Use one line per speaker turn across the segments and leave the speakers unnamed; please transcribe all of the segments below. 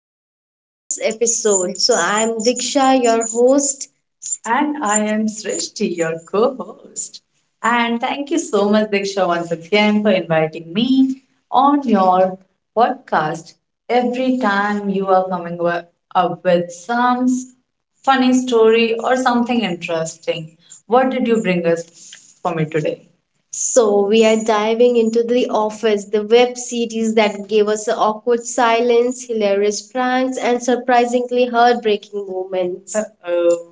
back to today's episode. So I'm Diksha, your host. And I am Srishti, your co host. And thank you so much, Diksha, once again for inviting me on your podcast. Every time you are coming up with some funny story or something interesting, what did you bring us for me today? So, we are diving into The Office, the web series that gave us awkward silence, hilarious pranks, and surprisingly heartbreaking moments. Oh,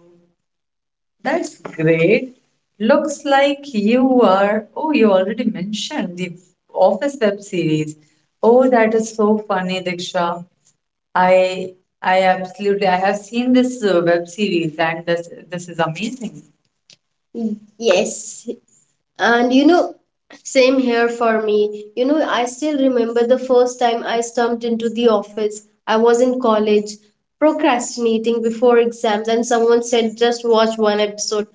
that's great. Looks like you are. Oh, you already mentioned the Office web series. Oh, that is so funny, Diksha. I I absolutely I have seen this web series and this is amazing. Yes, and you know, same here for me. You know, I still remember the first time I stumped into the office. I was in college, procrastinating before exams, and someone said, just watch one episode.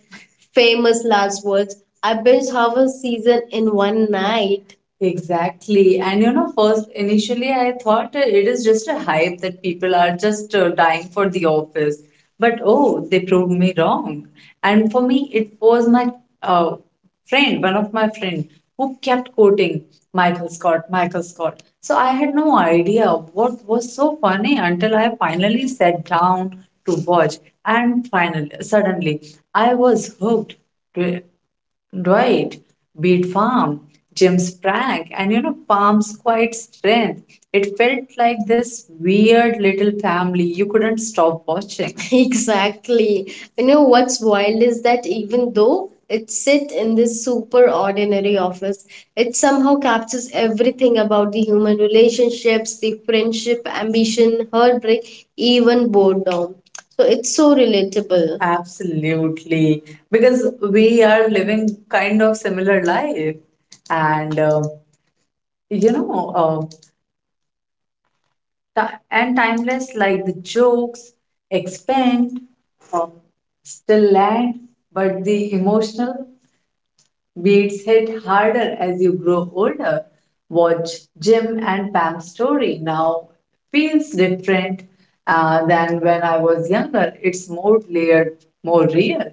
Famous last words. I binged half a season in one night. Exactly. And you know, first, initially, I thought it is just a hype that people are just dying for the office. But oh, they proved me wrong. And for me, it was my uh, friend, one of my friend, who kept quoting Michael Scott, Michael Scott. So I had no idea what was so funny until I finally sat down to watch. And finally, suddenly, I was hooked. Right. Beat Farm, Jim Sprague, and you know, Palm's quiet strength. It felt like this weird little family you couldn't stop watching. Exactly. You know what's wild is that even though it sit in this super ordinary office, it somehow captures everything about the human relationships, the friendship, ambition, heartbreak, even boredom. So it's so relatable. Absolutely because we are living kind of similar life and you know uh, and timeless like the jokes expand uh, still land, but the emotional beats hit harder as you grow older. Watch Jim and Pam's story now, feels different than when I was younger. It's more layered, more real.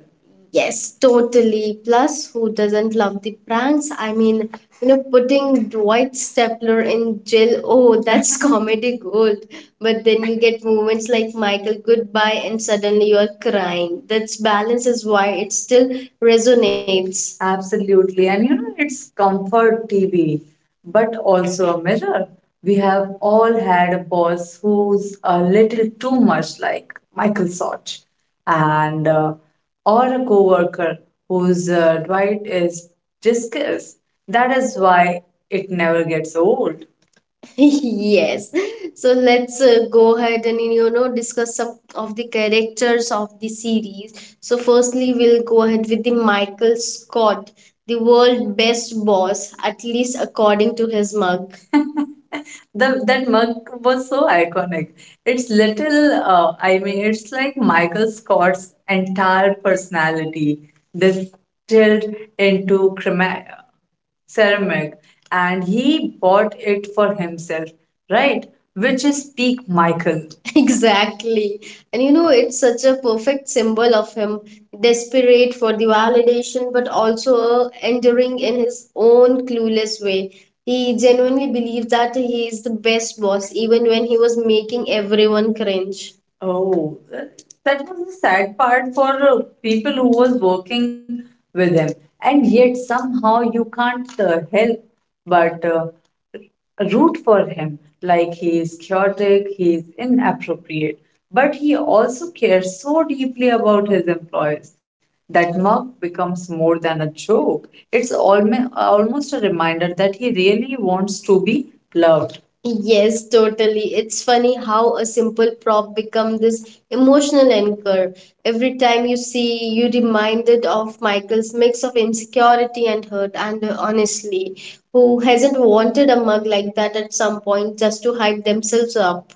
Yes, totally. Plus, who doesn't love the pranks? I mean, you know, putting Dwight Stapler in jail, oh, that's comedy gold. But then you get moments like Michael Goodbye, and suddenly you're crying. That's balance is why it still resonates. Absolutely. And you know, it's comfort TV, but also a mirror. We have all had a boss who's a little too much like Michael Sort. And Or a coworker whose Dwight is discussed. That is why it never gets old. Yes, so let's go ahead and you know discuss some of the characters of the series. So firstly we'll go ahead with the Michael Scott, the world best boss, at least according to his mug. The that mug was so iconic. It's little, I mean, it's like Michael Scott's entire personality distilled into ceramic, and he bought it for himself, right? Which is peak Michael. Exactly. And you know, it's such a perfect symbol of him, desperate for the validation, but also enduring in his own clueless way. He genuinely believed that he is the best boss, even when he was making everyone cringe. Oh, that was the sad part for people who was working with him, and yet somehow you can't help but root for him. Like he is chaotic, he is inappropriate, but he also cares so deeply about his employees. That mug becomes more than a joke. It's almost a reminder that he really wants to be loved. Yes, totally. It's funny how a simple prop become this emotional anchor. Every time you see, you reminded of Michael's mix of insecurity and hurt, and honestly, who hasn't wanted a mug like that at some point just to hype themselves up?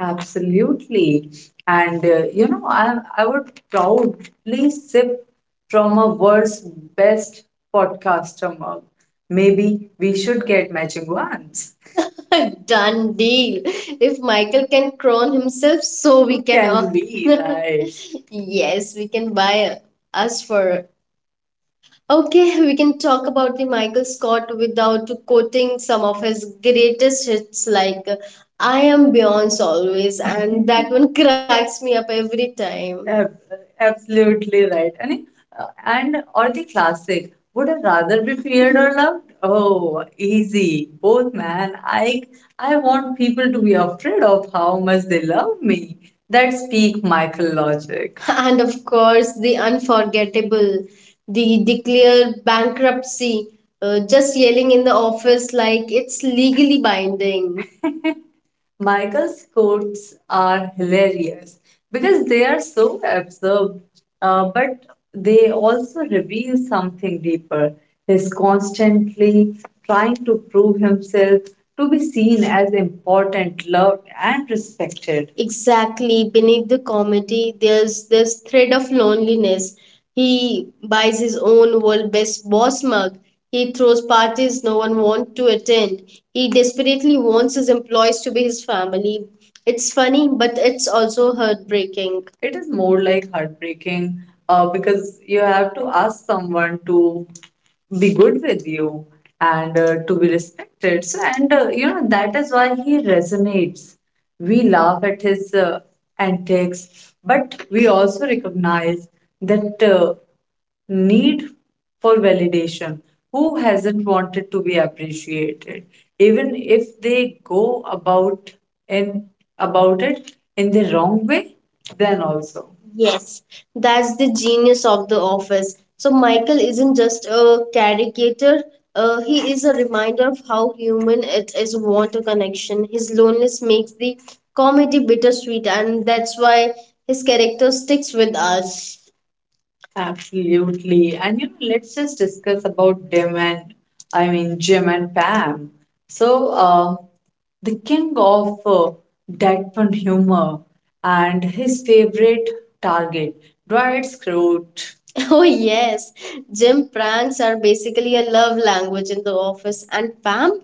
Absolutely. And you know, I would proudly sip from a world's best podcaster mug. Maybe we should get matching ones. Done deal. If Michael can crown himself, so we can. Can all- be right. Yes, we can buy us for okay, we can talk about the Michael Scott without quoting some of his greatest hits like I Am Beyonce Always, and that one cracks me up every time. Absolutely right. And or the classic, would I rather be feared or loved? Oh, easy. Both, man. I want people to be afraid of how much they love me. That's peak Michael logic. And of course, the unforgettable. They declare bankruptcy, just yelling in the office like it's legally binding. Michael's quotes are hilarious because they are so absurd, but they also reveal something deeper. He's constantly trying to prove himself, to be seen as important, loved, and respected. Exactly. Beneath the comedy, there's this thread of loneliness. He buys his own world best boss mug. He throws parties no one wants to attend. He desperately wants his employees to be his family. It's funny, but it's also heartbreaking. It is more like heartbreaking because you have to ask someone to be good with you and to be respected. So, and you know, that is why he resonates. We laugh at his antics, but we also recognize that need for validation. Who hasn't wanted to be appreciated, even if they go about in about it in the wrong way, then also. Yes, that's the genius of the office. So Michael isn't just a caricature, he is a reminder of how human it is want a connection. His loneliness makes the comedy bittersweet, and that's why his character sticks with us. Absolutely. And you know, let's just discuss about Dim and I mean Jim and Pam. So the king of deadpan humor and his favorite target, Dwight Schrute. Oh, yes. Jim pranks are basically a love language in the office, and Pam,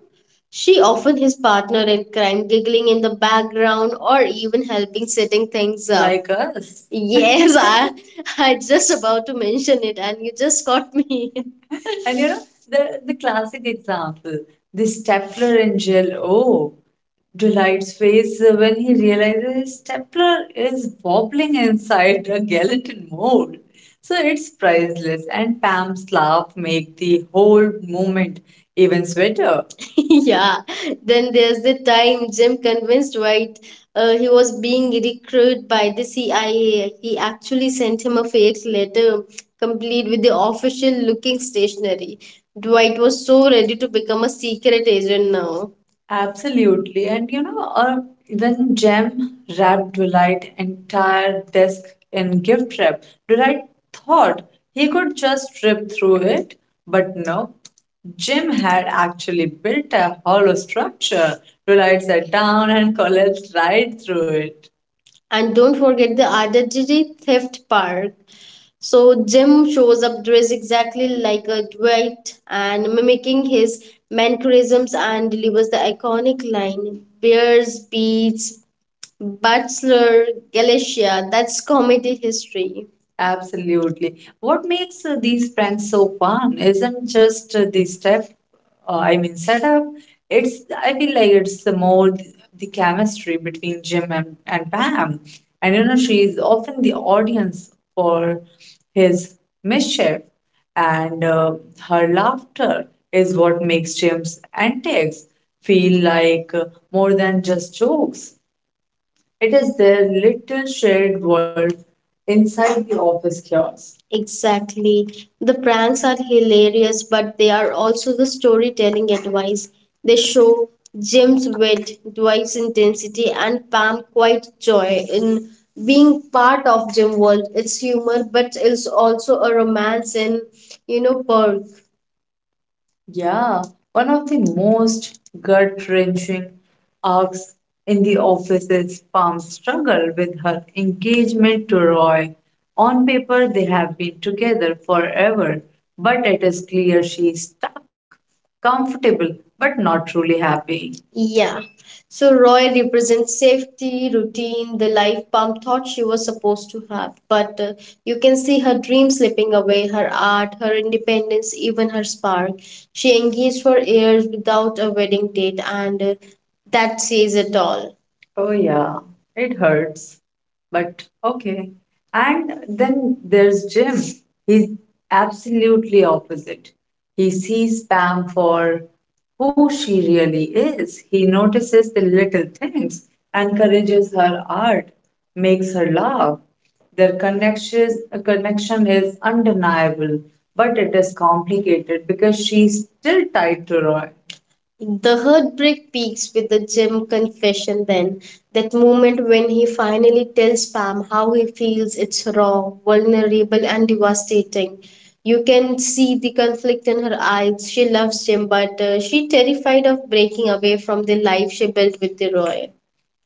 she often his partner in crime, giggling in the background or even helping setting things up. Like us. Yes, I just about to mention it and you just caught me. And you know, the classic example, the stapler and gel. Oh, Delight's face when he realizes his stapler is wobbling inside a gelatin mold. So it's priceless, and Pam's laugh make the whole moment even sweeter. Yeah. Then there's the time Jim convinced White he was being recruited by the CIA. He actually sent him a fake letter, complete with the official looking stationery. Dwight was so ready to become a secret agent now. Absolutely. And you know, even Jem wrapped Dwight's entire desk in gift wrap. Dwight thought he could just rip through it, but no. Jim had actually built a hollow structure. Dwight sat down and collapsed right through it. And don't forget the identity theft part. So Jim shows up dressed exactly like a Dwight and mimicking his mannerisms and delivers the iconic line, Bears, beats, Butler, Galicia, that's comedy history. Absolutely. What makes these pranks so fun isn't just the step, I mean, setup. It's, I feel like it's the chemistry between Jim and Pam. And you know, she's often the audience for his mischief, and her laughter is what makes Jim's antics feel like more than just jokes. It is their little shared world inside the office chaos. Exactly. The pranks are hilarious, but they are also the storytelling advice. They show Jim's wit, Dwight's intensity, and Pam quite joy in being part of Jim world. It's humor, but it's also a romance in, you know, perk. Yeah, one of the most gut wrenching arcs in the office is Pam's struggle with her engagement to Roy. On paper, they have been together forever, but it is clear she is stuck, comfortable, but not truly happy. Yeah, so Roy represents safety, routine, the life Pam thought she was supposed to have. But you can see her dream slipping away, her art, her independence, even her spark. She engaged for years without a wedding date, and that says it all. Oh, yeah, it hurts. But okay. And then there's Jim. He's absolutely opposite. He sees Pam for who she really is. He notices the little things, encourages her art, makes her laugh. Their connection is undeniable, but it is complicated because she's still tied to Roy. The heartbreak peaks with the Jim confession then. That moment when he finally tells Pam how he feels, it's raw, vulnerable, and devastating. You can see the conflict in her eyes. She loves Jim, but she's terrified of breaking away from the life she built with the Roy.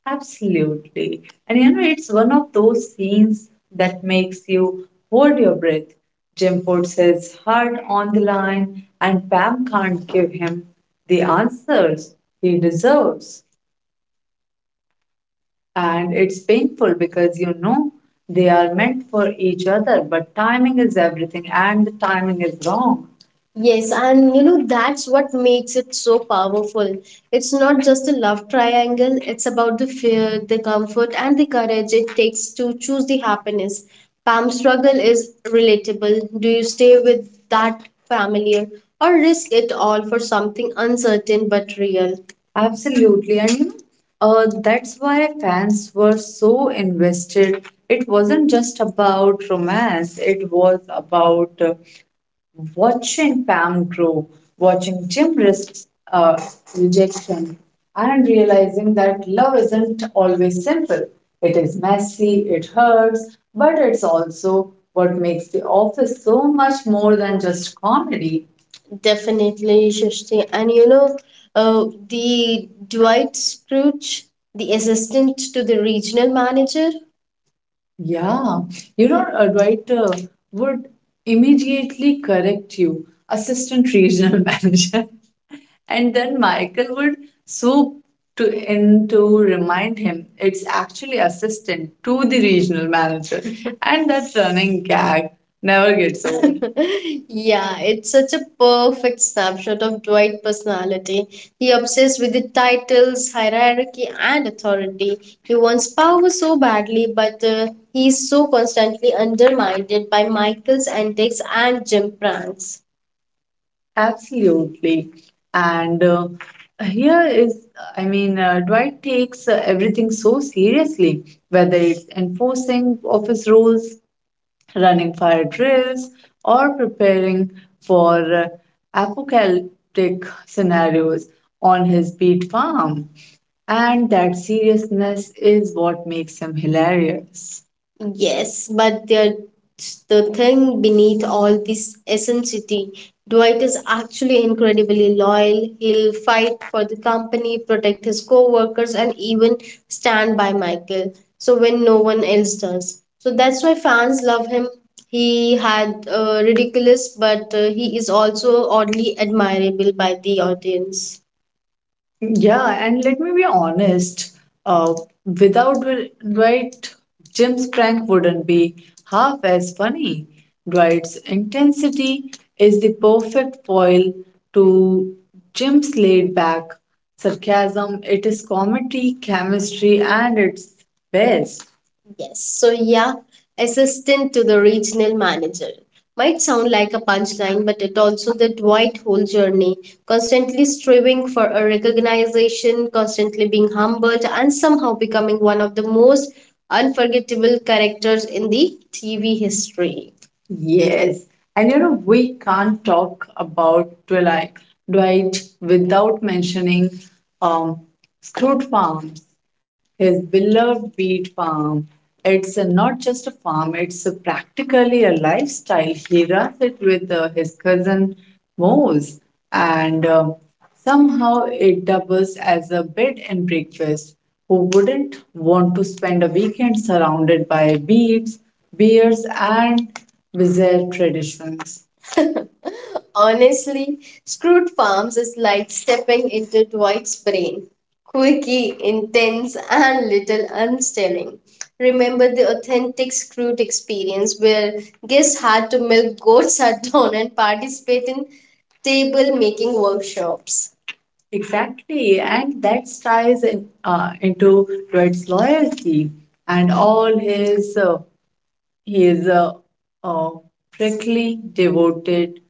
Absolutely. And you know, it's one of those scenes that makes you hold your breath. Jim puts his heart on the line, and Pam can't give him the answers he deserves. And it's painful because they are meant for each other, but timing is everything, and the timing is wrong. Yes, and that's what makes it so powerful. It's not just a love triangle, it's about the fear, the comfort, and the courage it takes to choose the happiness. Pam's struggle is relatable. Do you stay with that familiar or risk it all for something uncertain but real? Absolutely. That's why fans were so invested. It wasn't just about romance, it was about watching Pam grow, watching Jim risk uh, rejection, and realizing that love isn't always simple. It is messy, it hurts, but it's also what makes The Office so much more than just comedy. Definitely, Shashti. The Dwight Scrooge, the assistant to the regional manager. Yeah, you know, a writer would immediately correct you, assistant regional manager. And then Michael would swoop to in to remind him it's actually assistant to the regional manager. And that running gag never gets old. Yeah, it's such a perfect snapshot of Dwight's personality. He obsessed with the titles, hierarchy, and authority. He wants power so badly, but he so constantly undermined by Michael's antics and Jim pranks. Absolutely. And Here is, Dwight takes everything so seriously, whether it's enforcing office rules, running fire drills, or preparing for apocalyptic scenarios on his beet farm. And that seriousness is what makes him hilarious. Yes, but the thing beneath all this eccentricity. Dwight is actually incredibly loyal. He'll fight for the company, protect his co-workers, and even stand by Michael. So when no one else does. So that's why fans love him. He had ridiculous, but he is also oddly admirable by the audience. Yeah, and let me be honest, uh, without Dwight, Jim's prank wouldn't be half as funny. Dwight's intensity is the perfect foil to Jim's laid back sarcasm. It is comedy, chemistry, and its best. Yes. So, yeah, assistant to the regional manager. Might sound like a punchline, but it also that white hole journey, constantly striving for a recognition, constantly being humbled, and somehow becoming one of the most unforgettable characters in the TV history. Yes, and you know, we can't talk about Dwight without mentioning um, Scrooge Farms, his beloved beet farm. It's not just a farm, it's practically a lifestyle. He runs it with his cousin Moose, and somehow it doubles as a bed and breakfast. Who wouldn't want to spend a weekend surrounded by beets, beers, and wizard traditions. Honestly, Scrooge Farms is like stepping into Dwight's brain. Quirky, intense, and little unsettling. Remember the authentic Scrooge experience where guests had to milk goats at dawn and participate in table making workshops. Exactly, and that ties in, into Dwight's loyalty and all his he is a prickly devoted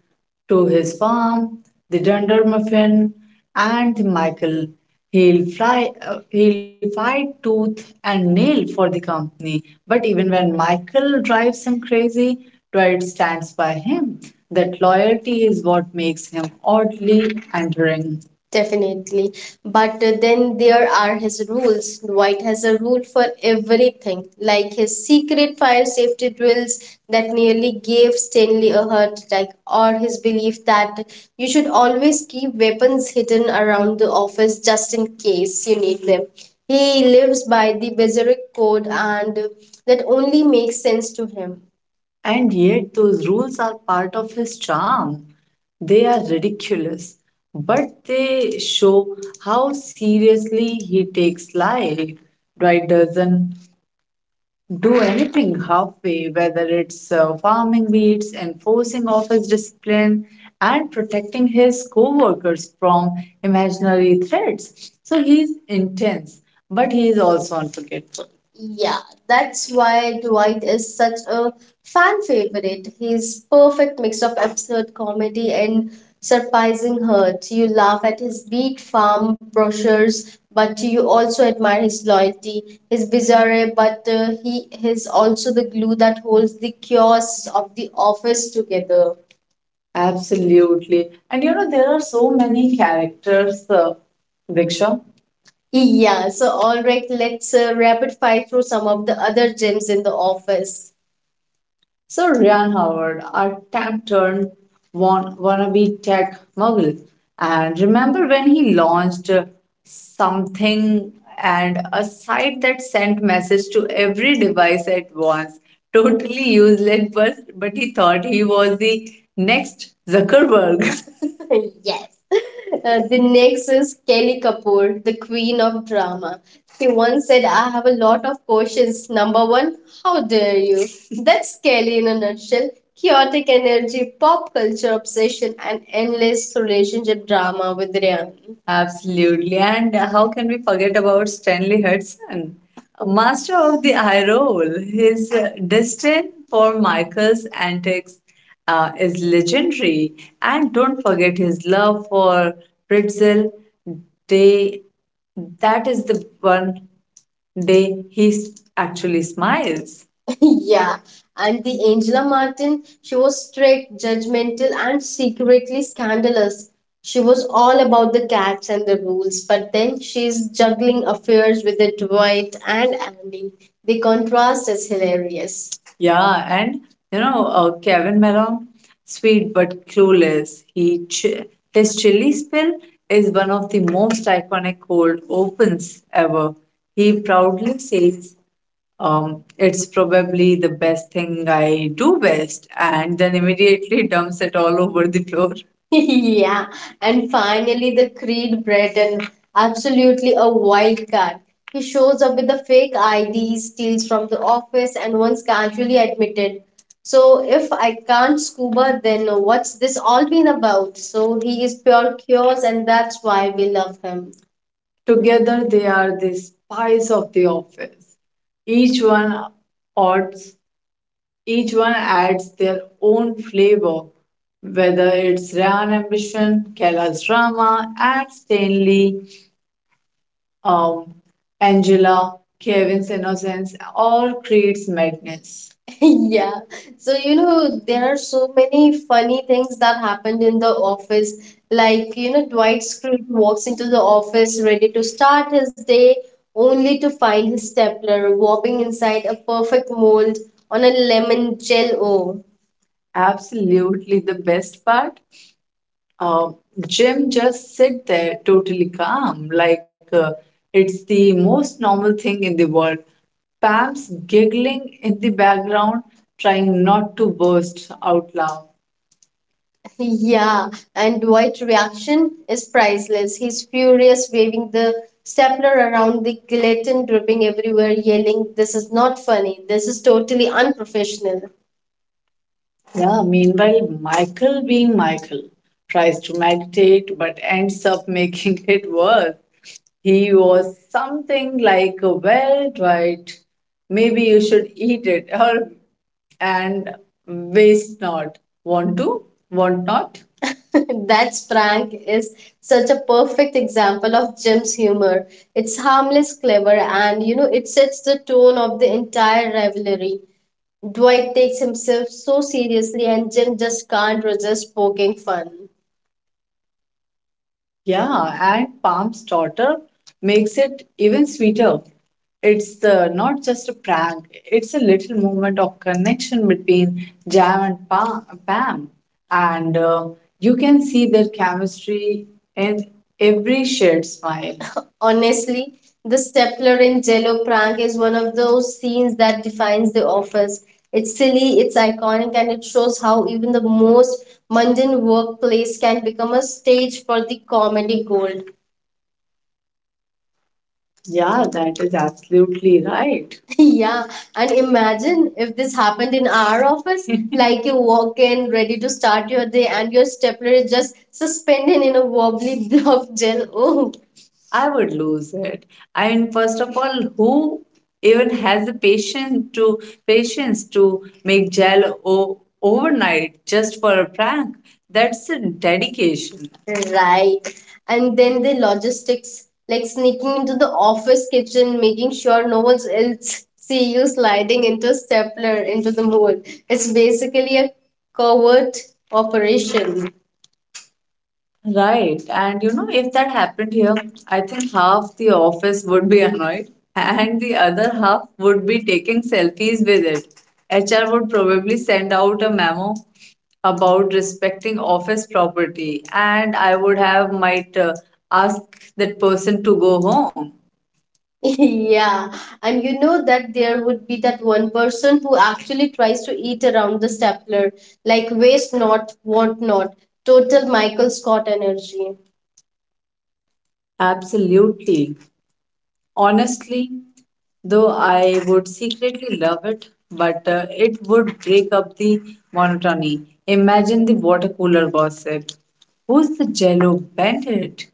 to his farm, the dundermuffin, and the Michael. He'll fly. He'll fight tooth and nail for the company. But even when Michael drives him crazy, Dwight stands by him. That loyalty is what makes him oddly endearing. Definitely. But then there are his rules. Dwight has a rule for everything, like his secret fire safety drills that nearly gave Stanley a heart attack, or his belief that you should always keep weapons hidden around the office just in case you need them. He lives by the Berserk code, and that only makes sense to him. And yet, those rules are part of his charm. They are ridiculous, but they show how seriously he takes life. Dwight doesn't do anything halfway, whether it's farming weeds, enforcing office discipline, and protecting his co workers from imaginary threats. So he's intense, but he is also unforgettable. Yeah, that's why Dwight is such a fan favorite. He's perfect mix of absurd comedy and surprising hurt. You laugh at his beat farm brochures, but you also admire his loyalty. He's bizarre, but he is also the glue that holds the chaos of the office together. Absolutely. And you know, there are so many characters, Diksha. Yeah, so all right, let's rapid fire through some of the other gems in the office. So Ryan Howard, our tech turned wannabe tech mogul. And remember when he launched something and a site that sent message to every device at once. Totally useless, but he thought he was the next Zuckerberg. Yes. The next is Kelly Kapoor, the queen of drama. She once said, I have a lot of questions. Number one, how dare you? That's Kelly in a nutshell. Chaotic energy, pop culture obsession, and endless relationship drama with Ryan. Absolutely. And how can we forget about Stanley Hudson, a master of the eye roll? His disdain for Michael's antics is legendary. And don't forget his love for pretzel. Day, that is the one day actually smiles. Yeah. And the Angela Martin, she was strict, judgmental, and secretly scandalous. She was all about the cats and the rules, but then she's juggling affairs with the Dwight and Andy. The contrast is hilarious. Yeah, and you know, Kevin Malone. Sweet but clueless, his chili spill is one of the most iconic cold opens ever. He proudly says it's probably the best thing I do best, and then immediately dumps it all over the floor. Yeah, and finally the Creed Breton, absolutely a wild card. He shows up with a fake ID, steals from the office, and once casually admitted. So if I can't scuba, then what's this all been about? So he is pure chaos, and that's why we love him. Together they are the spice of the office. Each one odds, each one adds their own flavor, whether it's Ryan Ambition, Kailash Rama, and Stanley um, Angela, Kevin's innocence, all creates madness. Yeah. So, you know, there are so many funny things that happened in the office. Like, you know, Dwight Schrute walks into the office ready to start his day, only to find his stapler warping inside a perfect mold on a lemon gel O. Absolutely the best part. Uh, Jim just sit there totally calm, like it's the most normal thing in the world. Pam's giggling in the background, trying not to burst out loud. Yeah, and Dwight's reaction is priceless. He's furious, waving the stapler around, the gelatin dripping everywhere, yelling, This is not funny. This is totally unprofessional. Yeah, meanwhile, Michael, being Michael, tries to meditate but ends up making it worse. He was something like, Well, Dwight, maybe you should eat it or and waste not. Want to? Want not? That prank is such a perfect example of Jim's humor. It's harmless, clever, and you know, it sets the tone of the entire rivalry. Dwight takes himself so seriously and Jim just can't resist poking fun. Yeah, and Palm's daughter makes it even sweeter. It's the, not just a prank, it's a little moment of connection between Jam and Pam. And You can see their chemistry in every shared smile. Honestly, the stapler in Jello prank is one of those scenes that defines The Office. It's silly, it's iconic, and it shows how even the most mundane workplace can become a stage for the comedy gold. Yeah, that is absolutely right. Yeah, and imagine if this happened in our office. Like you walk in ready to start your day, and your stapler is just suspended in a wobbly blob gel. Oh, I would lose it. I mean, first of all, who even has the patience to make gel overnight just for a prank? That's a dedication. Right. And then the logistics, like sneaking into the office kitchen, making sure no one else see you sliding into a stapler into the mold. It's basically a covert operation. Right. And you know, if that happened here, I think half the office would be annoyed and the other half would be taking selfies with it. HR would probably send out a memo about respecting office property, and I would have might ask that person to go home. Yeah, and you know that there would be that one person who actually tries to eat around the stapler, like waste not, want not, total Michael Scott energy. Absolutely. Honestly, though I would secretly love it, but it would break up the monotony. Imagine the water cooler gossip. Who's the Jello Bandit?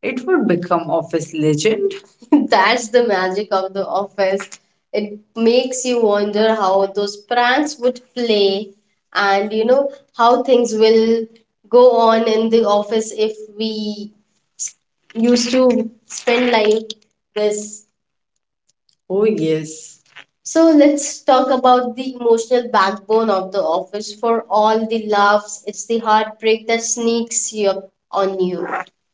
It would become office legend. That's the magic of the office. It makes you wonder how those pranks would play and you know how things will go on in the office if we used to spend life with. Oh, yes. So let's talk about the emotional backbone of the office for all the laughs. It's the heartbreak that sneaks you on you.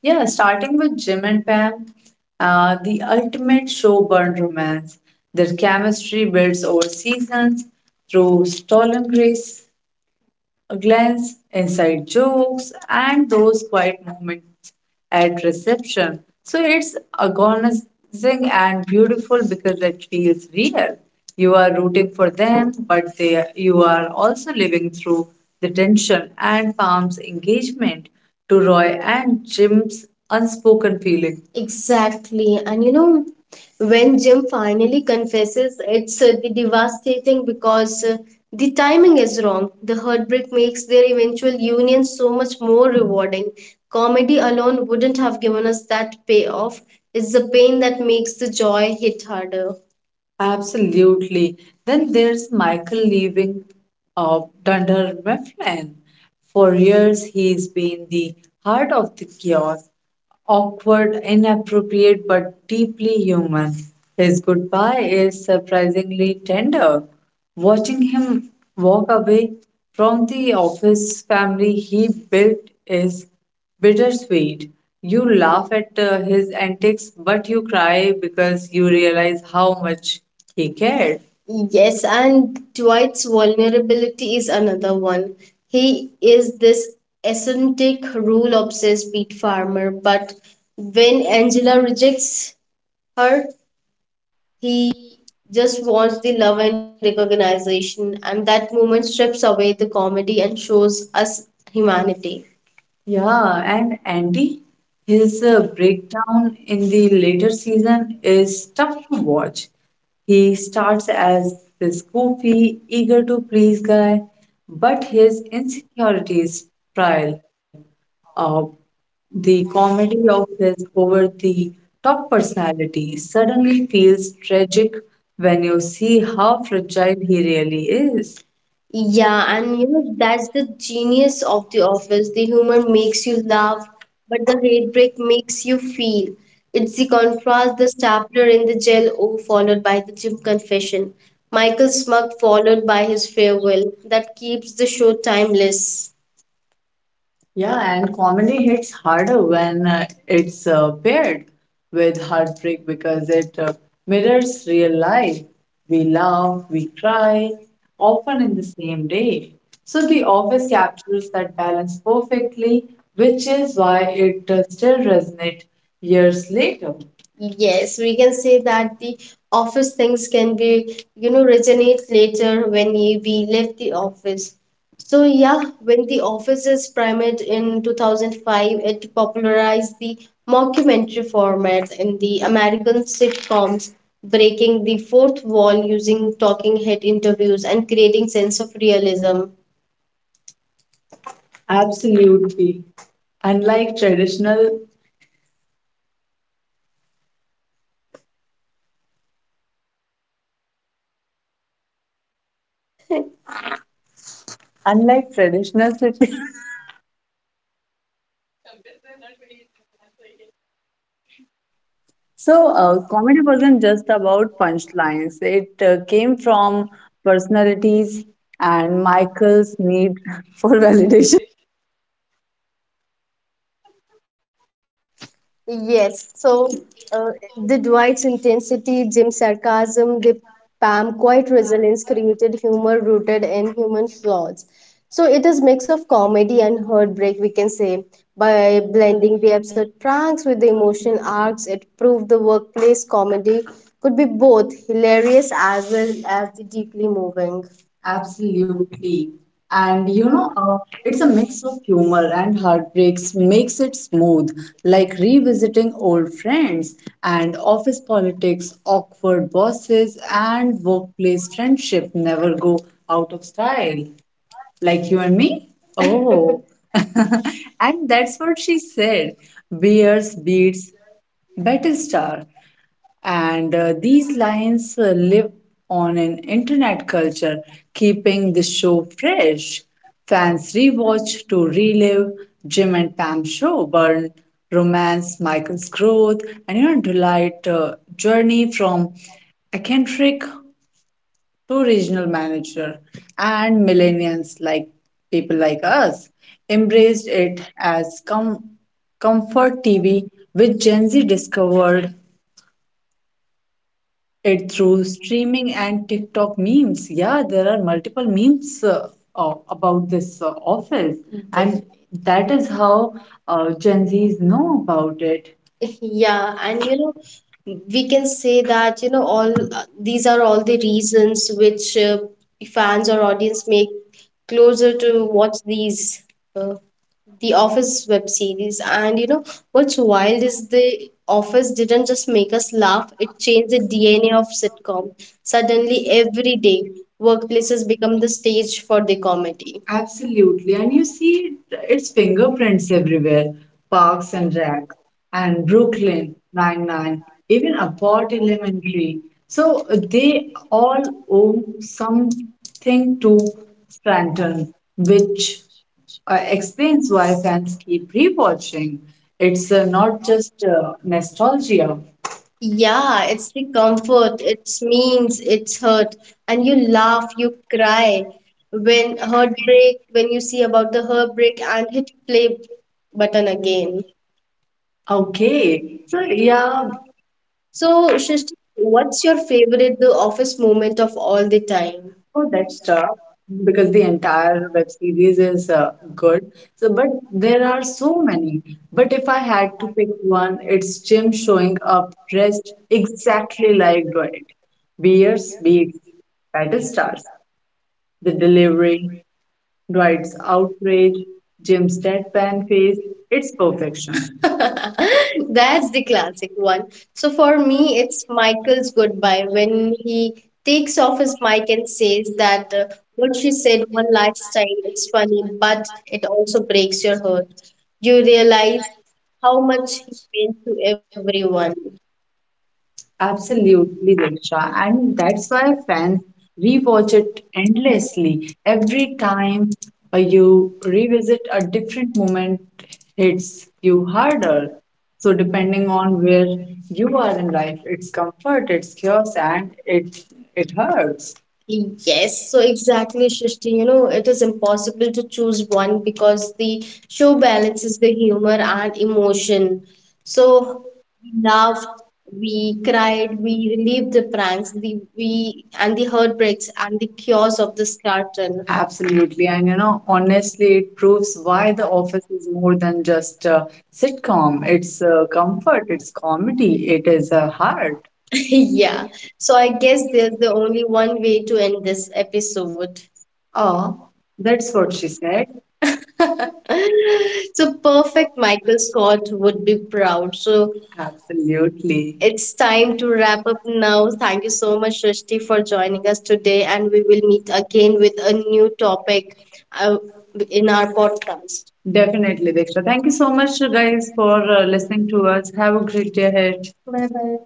Yeah, starting with Jim and Pam, the ultimate show burn romance. Their chemistry builds over seasons through stolen grace a glance, inside jokes, and those quiet moments at reception. So it's agonizing and beautiful because it feels real. You are rooting for them, but they, you are also living through the tension and Palm's engagement to Roy and Jim's unspoken feeling. Exactly. And you know, when Jim finally confesses, it's the devastating because the timing is wrong. The heartbreak makes their eventual union so much more rewarding. Comedy alone wouldn't have given us that payoff. It's the pain that makes the joy hit harder. Absolutely. Then there's Michael leaving of Dunder Mifflin. For years, he's been the heart of the chaos, awkward, inappropriate, but deeply human. His goodbye is surprisingly tender. Watching him walk away from the office family he built is bittersweet. You laugh at his antics, but you cry because you realize how much he cared. Yes, and Dwight's vulnerability is another one. He is this eccentric, rule obsessed beet farmer, but when Angela rejects her, he just
Wow,
wants the love and
and
recognition, and that moment strips away the comedy and shows us humanity. Yeah, and Andy, his
reserve breakdown in the
breakdown in the
playground is very
later season
very
is tough
happy
to watch.
and
He starts
fun.
as this goofy,
Very
eager to
very
please
fun.
guy, but
Wow,
his insecurities trial of
we
the
all just
comedy
love
of
to play.
his
So
over the
much
top
fun.
personality suddenly feels tragic when you see
Fun,
how
fun,
fragile
fun,
he
fun, fun.
really is.
Yeah,
Yeah,
I'm
and you
thinking
know,
that
that's the
actually is
genius of The
awful.
Office.
It
The
will
humor
takes
makes
you
you
down,
laugh,
but
but
it
the
will
rate break makes you feel. It's the
for one
contrast, the stapler in the
check,
jail O followed by the gym confession. Michael
it's
Smug
very
followed by
nice.
his farewell that keeps the show timeless. Yeah, and comedy hits harder when it's paired with heartbreak because it mirrors real life. We laugh,
Yeah,
we
right.
cry, often in the same day. So
We
The
all
Office captures that balance perfectly, which is why it still resonates years later. Yes, we can say that the office things can be, you know, resonate later when you- we leave the office. So yeah, when The Office is primed in 2005, it popularized the mockumentary format in the American sitcoms, breaking the fourth wall using talking head interviews and creating sense of realism. Absolutely. Unlike traditional, Unlike traditional sitcoms.
sometimes they're not really translated. So,
So, comedy
Happy Public
wasn't
does
just
the work
about
for
punchlines.
it's
It
the
came
theme from
from
Volkswagen
personalities
and
and
Michael
Michael's need
Gates
for validation.
presentation. It
Yes.
so
So the
white
Dwight's intensity, Jim's
that can
sarcasm, the
uh
Pam
white
quiet
the word
resilience created humor
you can
rooted in human flaws. So
but I
it
think that I
is
do
mix
have a
of
certain
comedy
degree of
and heartbreak, we can say. By blending the absurd pranks with the emotional arcs, it proved the workplace comedy could be both hilarious as well as deeply moving. Absolutely. And you know, it's a mix of humor and heartbreaks, makes it smooth, like revisiting old friends and office politics, awkward bosses, and workplace friendship never go out of style. Like you and me? Oh. And that's what she said. Beers beats Battlestar. And these lines live on an internet culture, keeping the show fresh. Fans rewatch to relive Jim and Pam show, burn romance, Michael's growth, and you know, delight journey from eccentric to regional manager. And millennials, like people like us, embraced it as comfort TV, which Gen Z discovered it through streaming and TikTok memes. Yeah, there are multiple memes about this office. Mhm. And that is how Gen Zs know about it. Yeah, and you know, we can say that you know all uh, these are all the reasons which fans or audience make closer to watch these. uh, the office web series, and you know what's wild is the office didn't just make us laugh, it changed the DNA of sitcom. Suddenly every day workplaces become the stage for the comedy. Absolutely. And you see its fingerprints everywhere. Parks and Rec and Brooklyn Nine-Nine, even Abbott Elementary. So they all owe something to Scranton, which explains why fans keep rewatching. It's not just
control over my own
nostalgia.
life. Yeah,
Yeah, it's the
he's also
comfort, it's
doing
means, it's
work
hurt.
and
And you
he's not
laugh,
a
you
guy
cry.
very
When
much.
heartbreak, when you see about the heartbreak and hit play button again.
Okay.
Okay, so
We are
yeah,
also
so, Shrishti, what's
watching
your favorite the office moment of all the
this
time?
from
Oh,
the
that's
store
tough
because
because
we
the
are tired of
entire web
the
series is good. So, but
because whether
there are so many. But
if
if
I
I
had
had to
this
pick
one,
one,
it's
it's Jim
going for
showing up
then
dressed
exactly
exactly
like
like Dwight.
here,
Beers, be
we
it
kind of
battle
stuff,
stars.
the
The
delivery.
delivery,
Right.
Dwight's
I'll says
outrage, Jim's
that
deadpan
to you,
face,
it's
it's perfection.
that is
That's
the
the
answer.
classic one. So
For
for
me,
me,
it's
it's
mindfulness
Michael's
of mind,
goodbye
but
when he
take
takes
stock
off
in
his mic
mindful
and
things
says
that
that
what
what she
you did
said
for
one
last
last
time,
time. It's
but the
funny,
past
but it also breaks
observation,
your heart.
you will
You
realize
realize
how
how
much
much he
is
meant to
everyone.
everyone.
Absolutely.
Absolutely, Diksha.
I'm
And that's
satisfied
why
that
fans
you want to
rewatch it
get
endlessly.
every
Every
time
time
you,
you
do you,
revisit a different moment
you,
hits
you,
you
harder.
harder.
So
So
depending
depending
on
on
where
where
you
you are in
are,
life, it's comfort, it's chaos, and it hurts.
yes.
Yes,
So
so
it
exactly, Shristi. You know, it is impossible to choose one because the
so
show
many,
balances the
but
humor and emotion.
so
So,
we now
love
in
we
Christ,
cried, we
we
relived the
decide,
pranks, the we and the
and
heartbreaks and the
yeah.
cures of the
So
scarton.
I
Absolutely. And you know, honestly, it proves why The Office is more than just a sitcom. It's comfort, it's comedy, it is a heart. Yeah. So I
guess
guess
it's
there's
so.
the only one way to end this episode.
Oh,
Oh,
that's
that's
what.
what she said. So perfect Michael Scott would be proud. So absolutely, it's time to wrap up now. Thank you so much, Srishti, for joining us today, and we will meet again with a new topic uh, in our podcast. Definitely, Diksha. Thank you so much, guys, for listening to us. Have a great day ahead. Bye bye.